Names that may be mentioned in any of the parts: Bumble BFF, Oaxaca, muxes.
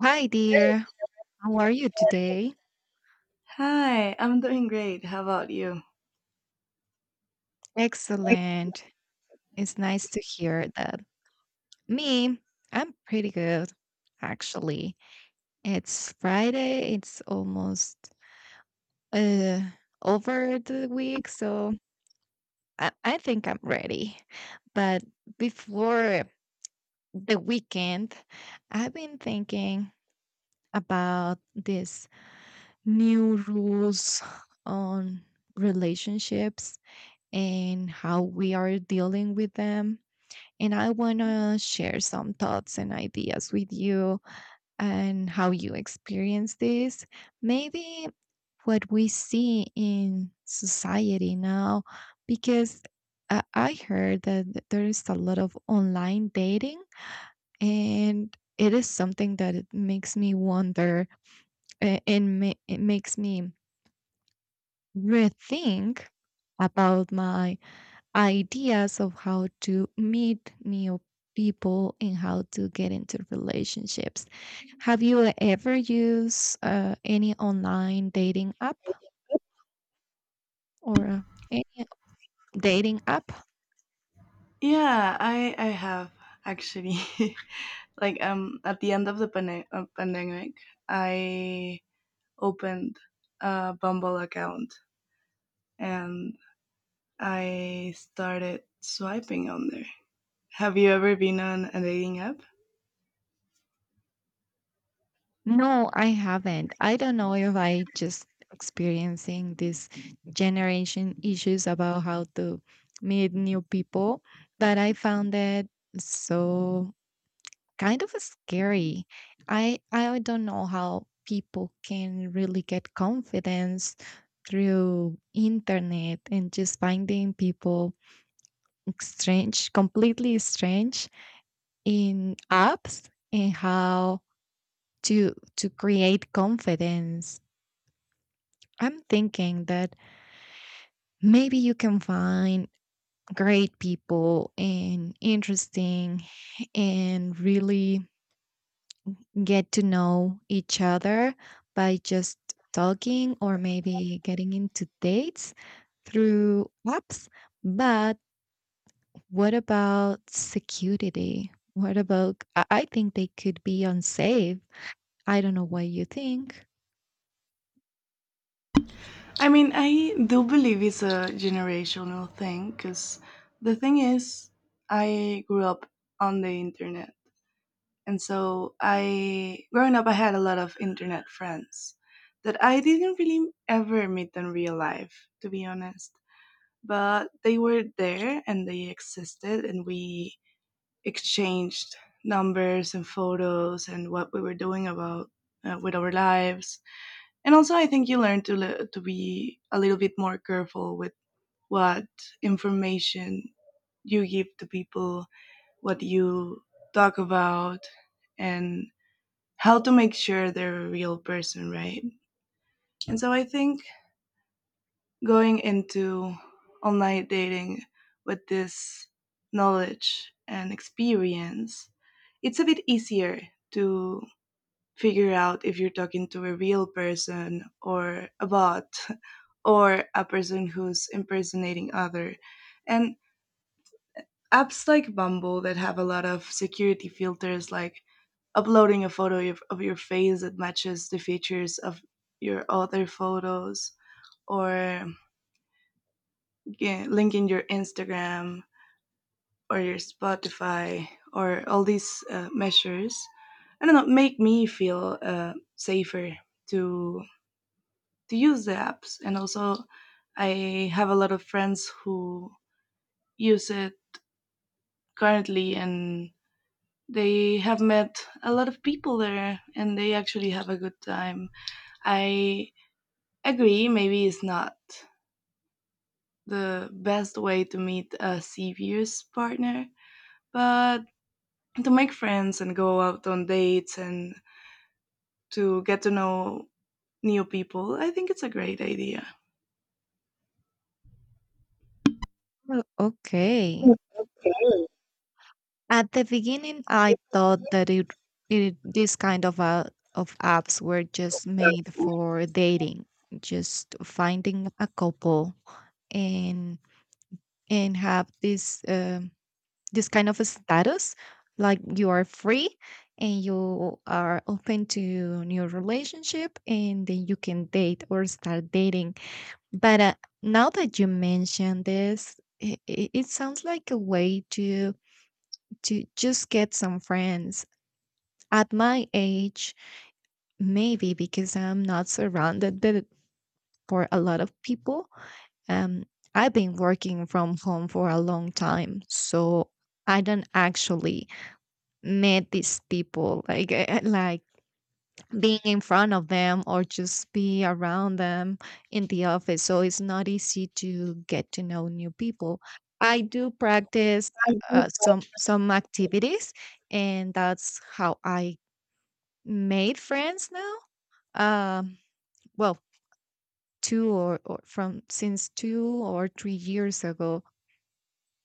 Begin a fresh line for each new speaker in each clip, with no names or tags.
Hi, dear. How are you today?
Hi, I'm doing great. How about you?
Excellent. It's nice to hear that. Me, I'm pretty good, actually. It's Friday. It's almost uh, over the week, so I think I'm ready. But before the weekend, I've been thinking about these new rules on relationships and how we are dealing with them. And I want to share some thoughts and ideas with you and how you experience this. Maybe what we see in society now, because I heard that there is a lot of online dating, and it is something that it makes me wonder, and it makes me rethink about my ideas of how to meet new people and how to get into relationships. Have you ever used any online dating app or any dating app?
Yeah, I have actually like at the end of the pandemic, I opened a Bumble account and I started swiping on there. Have you ever been on a dating app?
No, I haven't. I don't know if I just experiencing this generation issues about how to meet new people, but I found it so kind of scary. I don't know how people can really get confidence through internet and just finding people strange, completely strange in apps and how to create confidence. I'm thinking that maybe you can find great people and interesting and really get to know each other by just talking or maybe getting into dates through apps. But what about security? What about? I think they could be unsafe. I don't know what you think.
I mean, I do believe it's a generational thing because the thing is, I grew up on the internet. And so I, growing up, I had a lot of internet friends that I didn't really ever meet in real life, to be honest. But they were there and they existed, and we exchanged numbers and photos and what we were doing about, with our lives. And also, I think you learn to to be a little bit more careful with what information you give to people, what you talk about, and how to make sure they're a real person, right? And so I think going into online dating with this knowledge and experience, it's a bit easier to figure out if you're talking to a real person or a bot or a person who's impersonating other. And apps like Bumble that have a lot of security filters, like uploading a photo of your face that matches the features of your other photos, or yeah, linking your Instagram or your Spotify, or all these measures, I don't know, make me feel safer to to use the apps. And also, I have a lot of friends who use it currently, and they have met a lot of people there and they actually have a good time. I agree, maybe it's not the best way to meet a serious partner, but to make friends and go out on dates and to get to know new people, I think it's a great idea.
Oh, okay.
Mhm.
At the beginning, I thought that it this kind of apps were just made for dating, just finding a couple and and have this this kind of a status like you are free and you are open to new relationship, and then you can date or start dating, but now that you mention this, it sounds like a way to just get some friends at my age maybe, because I'm not surrounded by, for a lot of people. Um, I've been working from home for a long time, so I don't actually meet these people like like being in front of them or just be around them in the office. So it's not easy to get to know new people. I do practice some activities, and that's how I made friends now. Um, well, two or from since 2 or 3 years ago.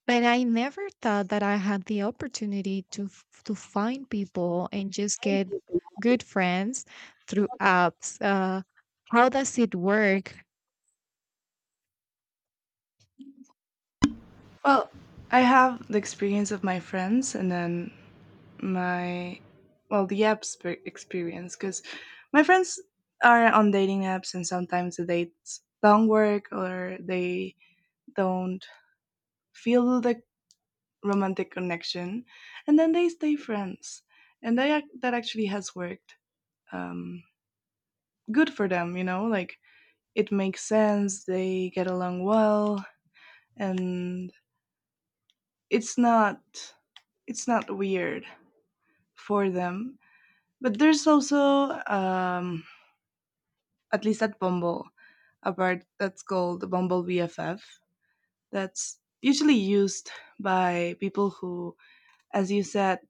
But I never thought that I had the opportunity to to find people and just get good friends through apps. How does it work?
Well, I have the experience of my friends, and then my well, the apps, experience, because my friends are on dating apps and sometimes the dates don't work or they don't feel the romantic connection and then they stay friends and that actually has worked, um, good for them, like it makes sense, they get along well, and it's not it's not weird for them. But there's also, at least at Bumble, a part that's called Bumble BFF that's usually used by people who, as you said,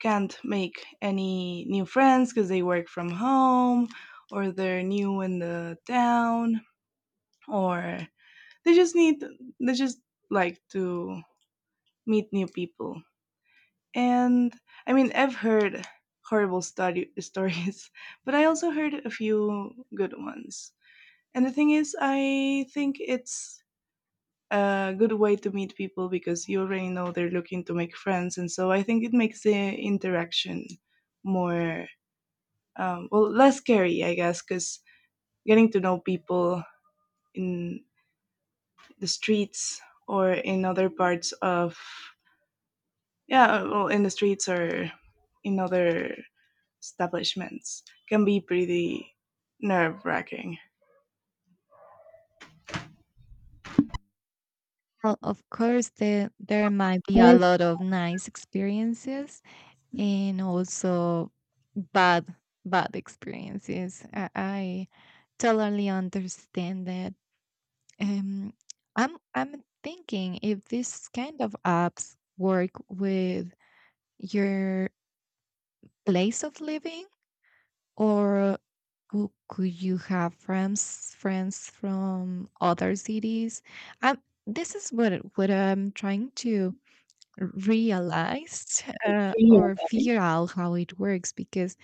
can't make any new friends because they work from home or they're new in the town, or they just need they just like to meet new people. And I mean, I've heard horrible study stories, but I also heard a few good ones, and the thing is, I think it's a good way to meet people because you already know they're looking to make friends, and so I think it makes the interaction more, well, less scary I guess, because getting to know people in the streets or in other parts of yeah, well, in the streets or in other establishments can be pretty nerve wracking.
Well, of course, there might be a
There,
lot of nice experiences and also bad bad experiences. I totally understand that. Um, I'm thinking if this kind of apps work with your place of living, or could you have friends from other cities? Um, this is what I'm trying to realize,
three of
or
them.
figure out how it works. Because,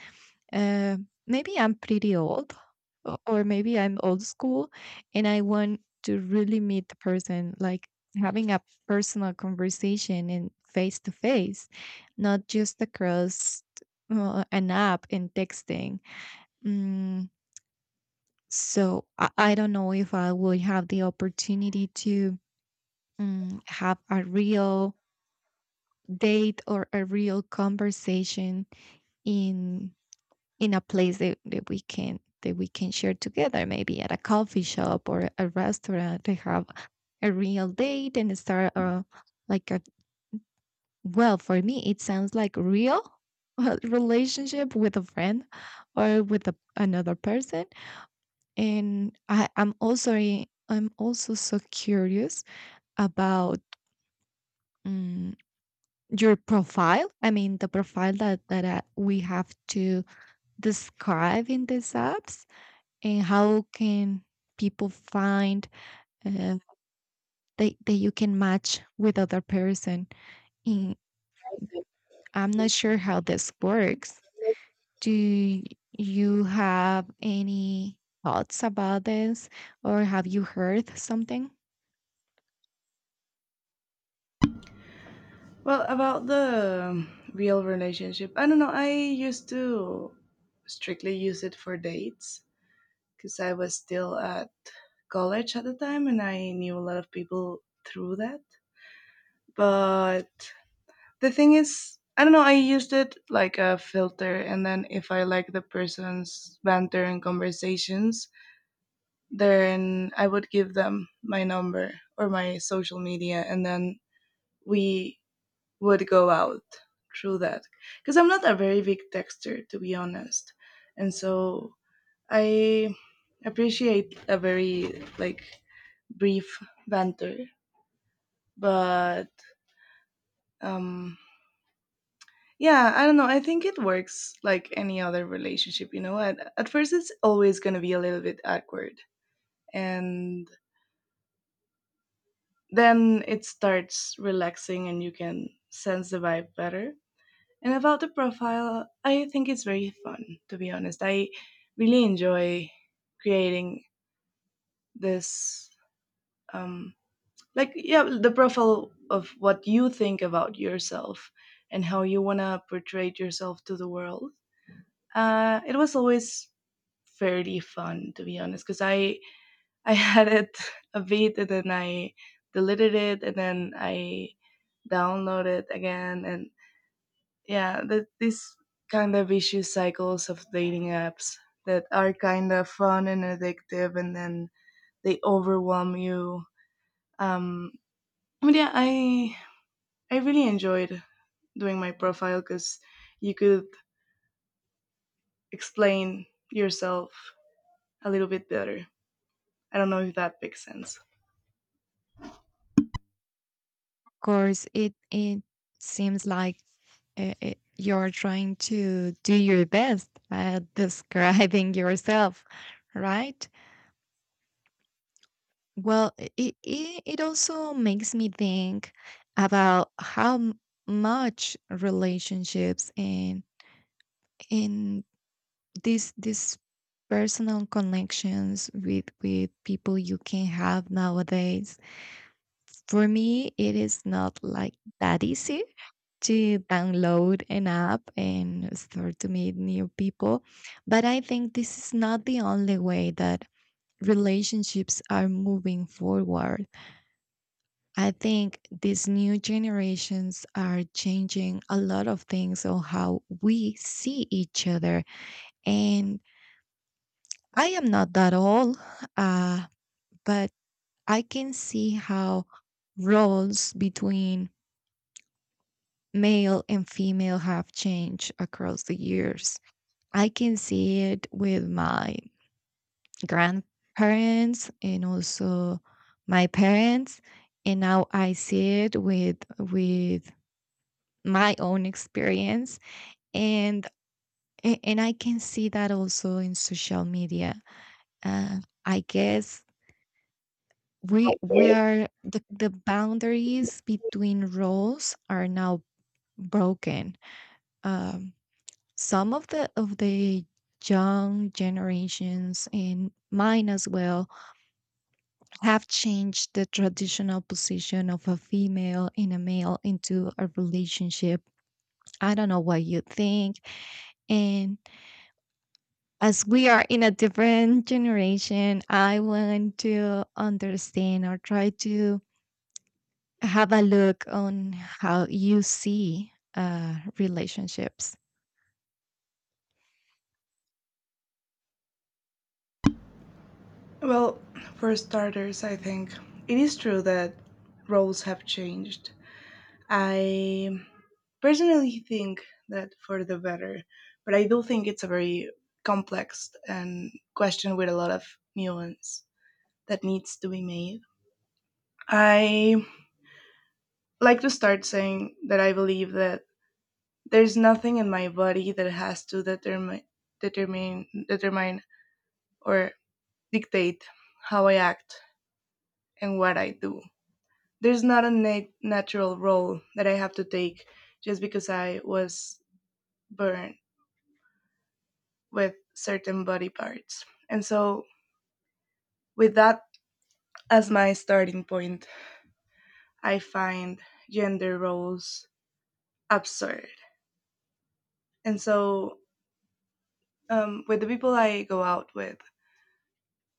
uh, maybe I'm pretty old, or maybe I'm old school, and I want to really meet the person, like having a personal conversation and face to face, not just across, an app and texting. Mm, so I don't know if I would have the opportunity to, mm, have a real date or a real conversation in a place that, that we can share together, maybe at a coffee shop or a restaurant, to have a real date and start a, like a, well, for me it sounds like real relationship with a friend or with a, another person. And I'm also so curious about, um, your profile. I mean the profile that we have to describe in these apps. And how can people find, uh, that you can match with other person. And I'm not sure how this works. Do you have any thoughts about this, or have you heard something of
Well, about the real relationship, I don't know. I used to strictly use it for dates because I was still at college at the time and I knew a lot of people through that. But the thing is, I don't know, I used it like a filter, and then if I like the person's banter and conversations, then I would give them my number or my social media, and then we would go out through that because I'm not a very big texter, to be honest, and so I appreciate a very like brief banter. But um, yeah, I don't know. I think it works like any other relationship. You know, at first it's always gonna be a little bit awkward, and then it starts relaxing, and you can sense the vibe better. And about the profile, I think it's very fun, to be honest. I really enjoy creating this, um, like, yeah, the profile of what you think about yourself and how you want to portray yourself to the world. It was always fairly fun, to be honest, because I had it a bit and then I deleted it and then I downloaded it again, and yeah, that, this kind of vicious cycles of dating apps that are kind of fun and addictive and then they overwhelm you, um but yeah, I really enjoyed doing my profile because you could explain yourself a little bit better. I don't know if that makes sense.
course? It seems like, you're trying to do your best at describing yourself, right? Well, it, it also makes me think about how much relationships and in these personal connections with people you can have nowadays. For me, it is not like that easy to download an app and start to meet new people, but I think this is not the only way that relationships are moving forward. I think these new generations are changing a lot of things on how we see each other. And I am not that old, uh, but I can see how roles between male and female have changed across the years. I can see it with my grandparents and also my parents. And now I see it with my own experience. And and I can see that also in social media. Uh, I guess the boundaries between roles are now broken. Um, some of the young generations and mine as well have changed the traditional position of a female and a male into a relationship. I don't know what you think. And as we are in a different generation, I want to understand or try to have a look on how you see, relationships.
Well, for starters, I think it is true that roles have changed. I personally think that for the better, but I do think it's a very complex and question with a lot of nuance that needs to be made. I like to start saying that I believe that there's nothing in my body that has to determine or dictate how I act and what I do. There's not a natural role that I have to take just because I was born with certain body parts. And so, with that as my starting point, I find gender roles absurd. And so, with the people I go out with,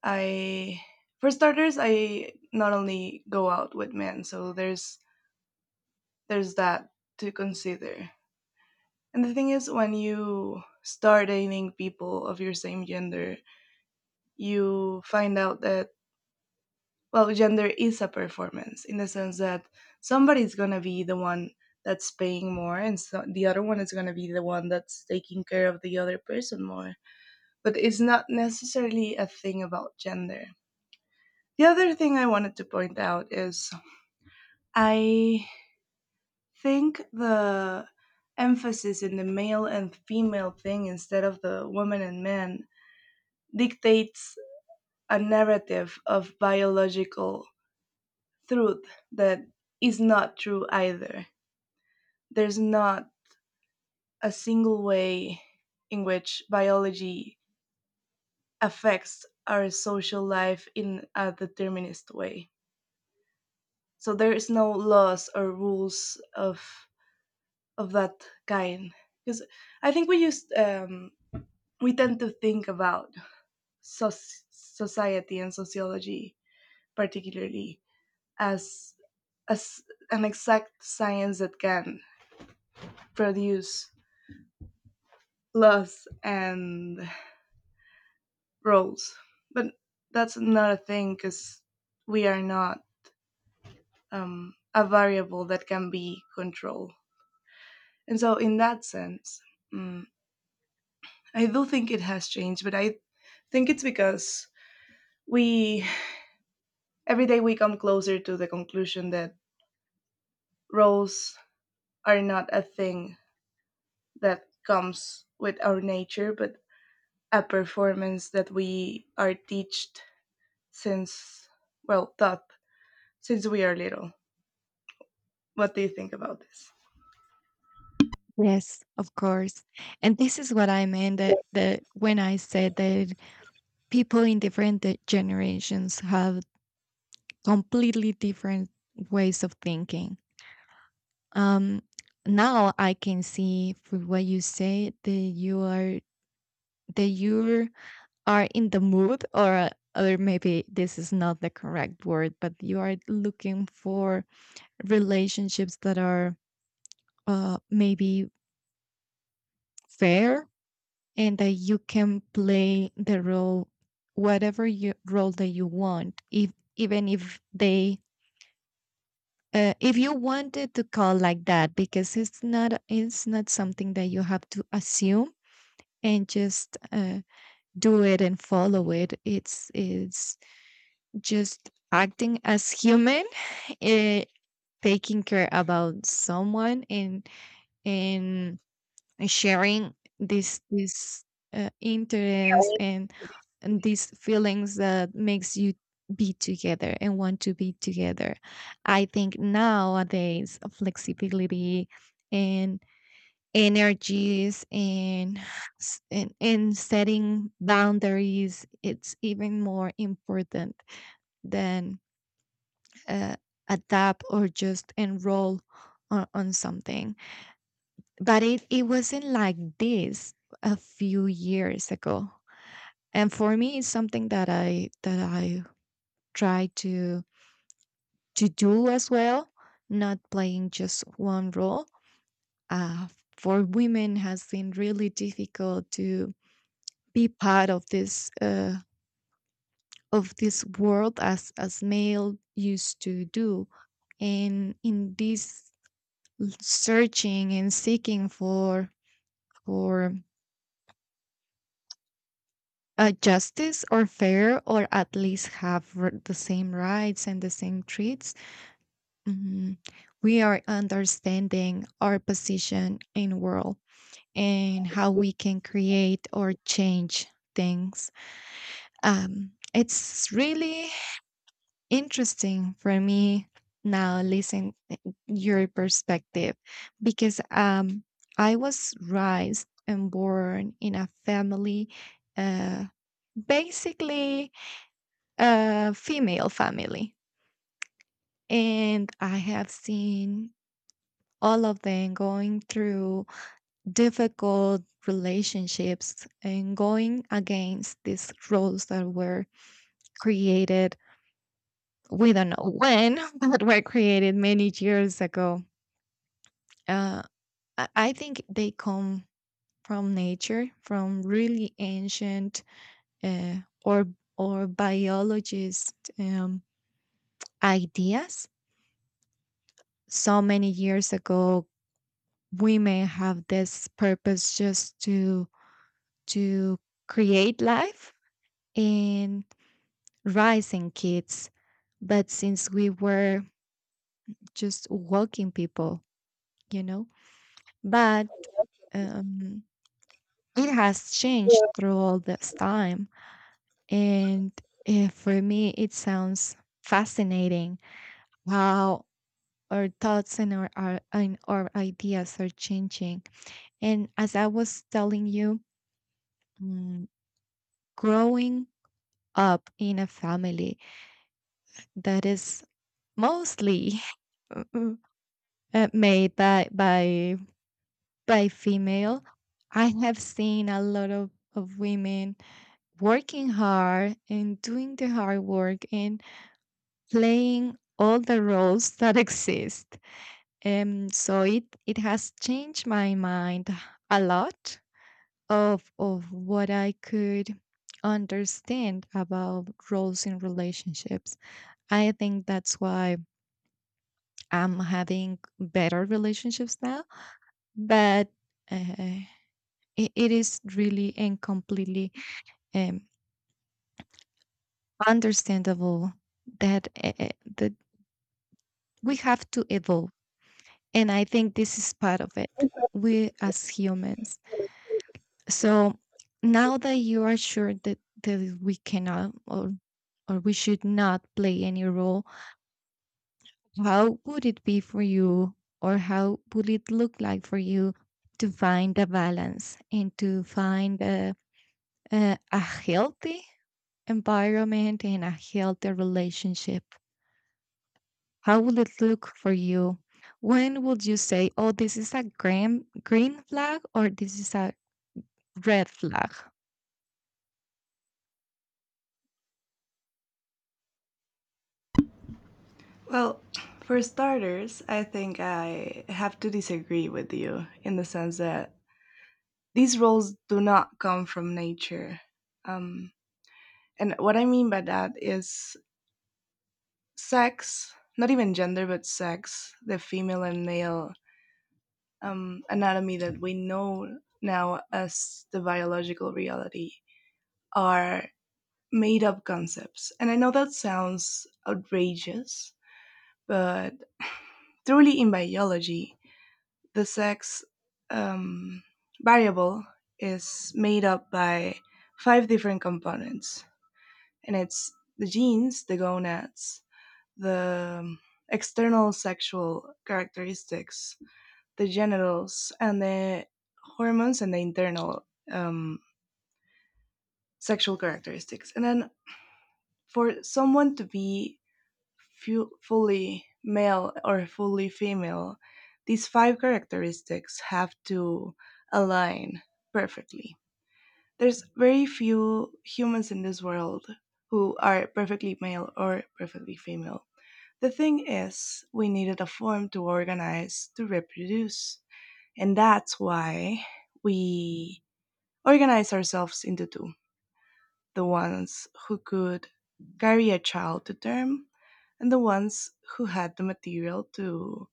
I, for starters, I not only go out with men, so there's that to consider. And the thing is, when you start dating people of your same gender, you find out that, well, gender is a performance in the sense that somebody's going to be the one that's paying more, and so the other one is going to be the one that's taking care of the other person more, but it's not necessarily a thing about gender. The other thing I wanted to point out is, I think the emphasis in the male and female thing instead of the woman and man dictates a narrative of biological truth that is not true either. There's not a single way in which biology affects our social life in a determinist way. So there is no laws or rules of that kind. Because I think we tend to think about society and sociology particularly as as an exact science that can produce laws and roles. But that's not a thing because we are not, a variable that can be controlled. And so, in that sense, mm, I do think it has changed, but I think it's because we every day we come closer to the conclusion that roles are not a thing that comes with our nature, but a performance that we are taught since, well, taught since we are little. What do you think about this?
Yes, of course. And this is what I meant, that when I said that people in different generations have completely different ways of thinking. Um, now I can see from what you say that you're are in the mood, or, or maybe this is not the correct word, but you are looking for relationships that are, maybe fair, and that you can play the role, whatever role that you want, if even if they, if you wanted to call like that, because it's not, it's not something that you have to assume and just, do it and follow it. It's just acting as human, eh, taking care about someone, and and sharing this interest, and these feelings that makes you be together and want to be together. I think nowadays flexibility and energies and and setting boundaries, it's even more important than, uh, adapt or just enroll on something. But it wasn't like this a few years ago. And for me, it's something that I try to do as well, not playing just one role. Uh, for women has been really difficult to be part of this, of this world as male used to do. And in this searching and seeking for for justice or fair, or at least have the same rights and the same treats. Mhm. We are understanding our position in world and how we can create or change things. Um, it's really interesting for me now listen your perspective, because, um, I was raised and born in a family, uh, basically a female family. And I have seen all of them going through difficult relationships and going against these roles that were created, we don't know when but were created many years ago. Uh, I think they come from nature, from really ancient, uh, or or biologist, ideas. So many years ago, women have this purpose just to to create life and raising kids. But since we were just walking people, you know, but um, it has changed through all this time. And eh, for me, it sounds fascinating how our thoughts and our ideas are changing. And as I was telling you, mm, growing up in a family that is mostly uh, made by by female, I have seen a lot of women working hard and doing the hard work and playing all the roles that exist. So it it has changed my mind a lot of what I could understand about roles in relationships. I think that's why I'm having better relationships now, but, uh, it, it is really and completely, um, understandable that that we have to evolve, and I think this is part of it. We as humans. So now that you are sure that, that we cannot or or we should not play any role, how would it be for you, or how would it look like for you, to find a balance and to find a healthy environment and a healthy relationship? How will it look for you? When would you say, oh, this is a green, green flag, or this is a red flag?
Well, for starters, I think I have to disagree with you in the sense that these roles do not come from nature. Um, and what I mean by that is sex, not even gender, but sex, the female and male anatomy that we know now as the biological reality, are made up concepts. And I know that sounds outrageous, but truly in biology, the sex, um, variable is made up by five different components, and it's the genes, the gonads, the external sexual characteristics, the genitals, and the hormones and the internal um, sexual characteristics. And then for someone to be fully male or fully female, these five characteristics have to align perfectly. There's very few humans in this world who are perfectly male or perfectly female. The thing is, we needed a form to organize to reproduce, and that's why we organize ourselves into two: the ones who could carry a child to term, and the ones who had the material to,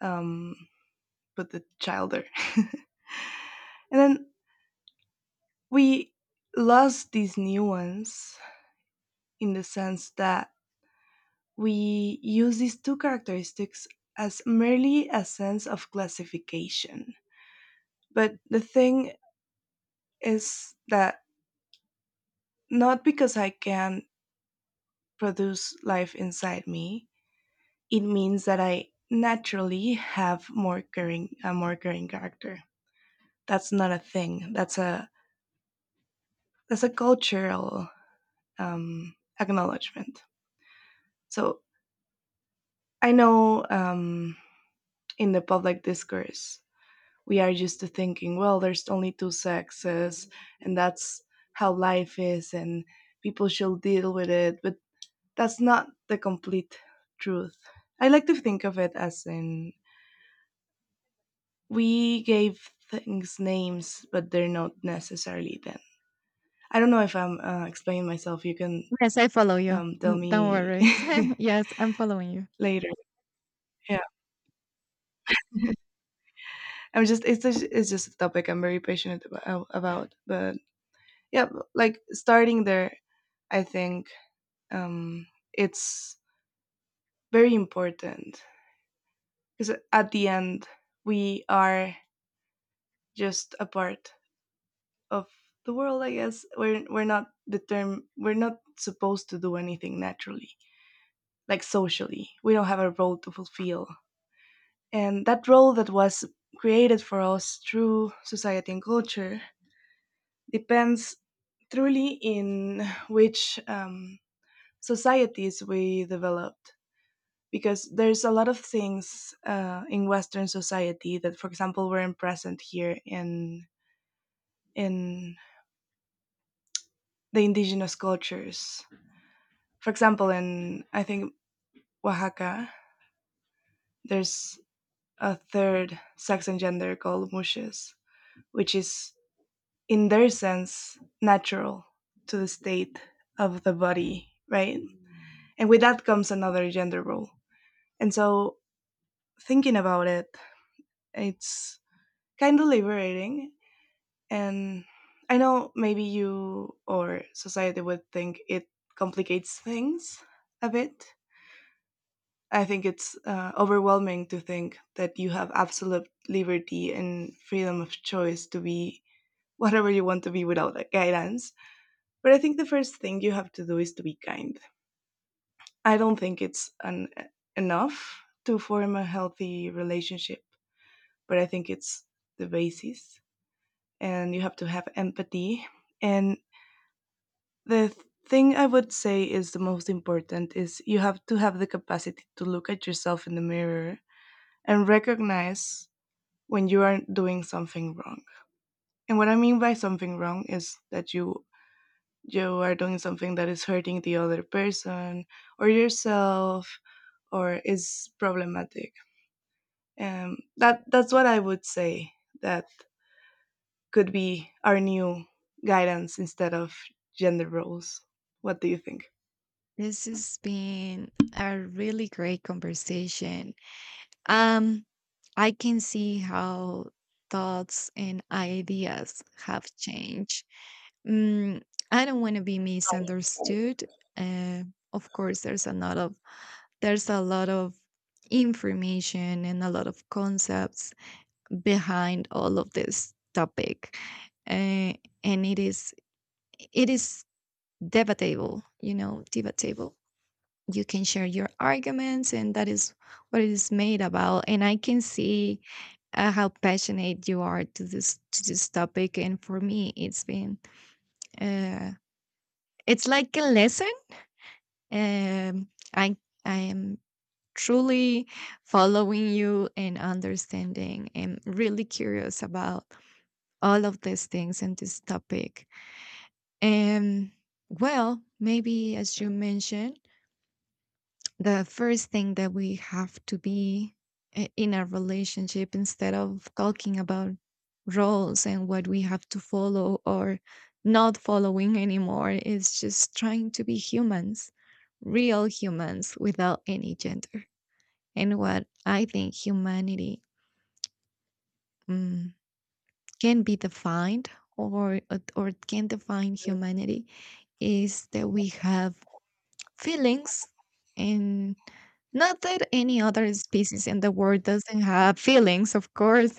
um, put the child there. And then we lost these nuance, in the sense that we use these two characteristics as merely a sense of classification. But the thing is that not because I can produce life inside me, it means that I naturally have more caring, a more caring character. That's not a thing. That's a cultural acknowledgement. So I know, in the public discourse we are used to thinking, well, there's only two sexes, and that's how life is, and people should deal with it. But that's not the complete truth. I like to think of it as in, we gave things names, but they're not necessarily them. I don't know if I'm, explaining myself. You can,
Yes, I follow you.
tell
Mm, don't
me
worry. Yes, I'm following you.
later. Yeah, I'm just, it's just a topic I'm very passionate about. But yeah, like, starting there, I think, um, it's very important because at the end we are just a part of the world. I guess we're not the term, we're not supposed to do anything naturally, like socially. We don't have a role to fulfill. And that role that was created for us through society and culture depends truly in which, societies we developed, because there's a lot of things, in western society that for example weren't present here in the indigenous cultures. For example, in, I think, Oaxaca, there's a third sex and gender called mushes, which is, in their sense, natural to the state of the body, right? And with that comes another gender role. And so, thinking about it, it's kind of liberating. And I know maybe you or society would think it complicates things a bit. I think it's, overwhelming to think that you have absolute liberty and freedom of choice to be whatever you want to be without guidance. But I think the first thing you have to do is to be kind. I don't think it's enough to form a healthy relationship, but I think it's the basis. And you have to have empathy. And the thing I would say is the most important is you have to have the capacity to look at yourself in the mirror and recognize when you are doing something wrong. And what I mean by something wrong is that you are doing something that is hurting the other person or yourself or is problematic. That's what I would say, that could be our new guidance instead of gender roles. What do you think?
This has been a really great conversation. Um, I can see how thoughts and ideas have changed. Mm, I don't want to be misunderstood. Uh, of course, there's a lot of there's a lot of information and a lot of concepts behind all of this topic, uh, and it is debatable, you know, debatable. You can share your arguments, and that is what it is made about. And I can see, how passionate you are to this topic. And for me it's been, uh, it's like a lesson. Um, i I am truly following you and understanding, and really curious about all of these things and this topic. And well, maybe as you mentioned, the first thing that we have to be in a relationship, instead of talking about roles and what we have to follow or not following anymore, is just trying to be humans, real humans without any gender. And what I think humanity, mm, can be defined, or or can define humanity, is that we have feelings. And not that any other species in the world doesn't have feelings, of course,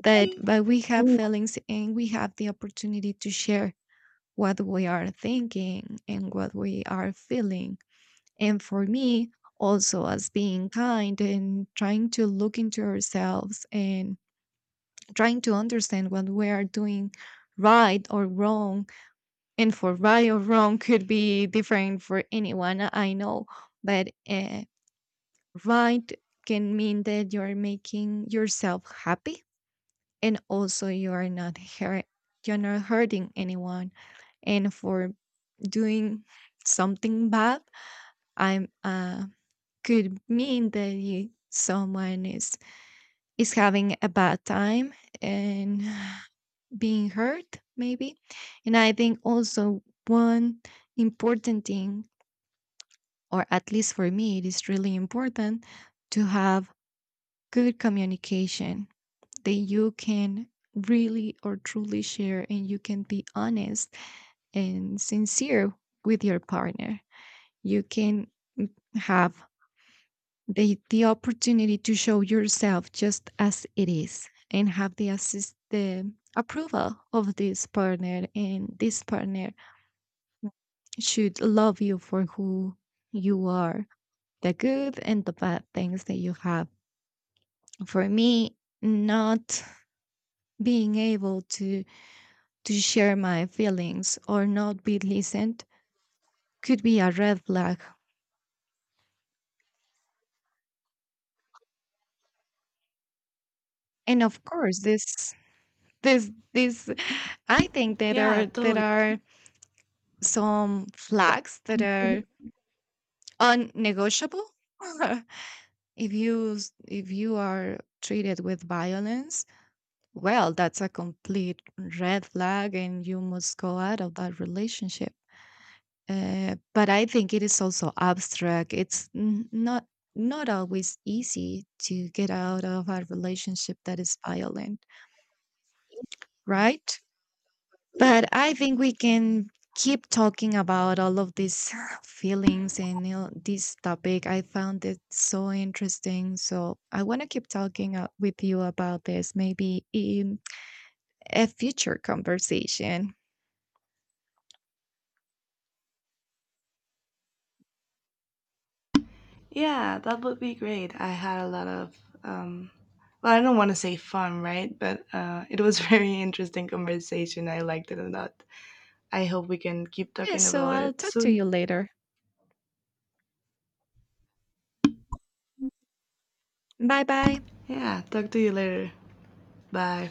but we have feelings and we have the opportunity to share what we are thinking and what we are feeling. And for me also, as being kind and trying to look into ourselves and trying to understand what we are doing right or wrong. And for right or wrong could be different for anyone, I know, but, right can mean that you're making yourself happy and also you are not hurt, you're not hurting anyone. And for doing something bad, I'm could mean that someone is having a bad time and being hurt maybe. And I think also one important thing, or at least for me, it is really important, to have good communication, that you can really or truly share, and you can be honest and sincere with your partner. You can have the opportunity to show yourself just as it is and have the assist the approval of this partner, and this partner should love you for who you are, the good and the bad things that you have. For me, not being able to share my feelings or not be listened could be a red flag. And of course this this this I think that
Yeah,
are there
totally.
are some flags that are unnegotiable. If you if you are treated with violence, well that's a complete red flag and you must go out of that relationship. But I think it is also abstract. It's not not always easy to get out of a relationship that is violent, right? But I think we can keep talking about all of these feelings and, you know, this topic. I found it so interesting. So I want to keep talking, with you about this, maybe in a future conversation.
Yeah, that would be great. I had a lot of, um, well, I don't want to say fun, right, but it was very interesting conversation. I liked it a lot. I hope we can keep
Yeah,
talking
so
about
I'll
it
talk to
soon.
you later. Bye bye.
Yeah, talk to you later. Bye.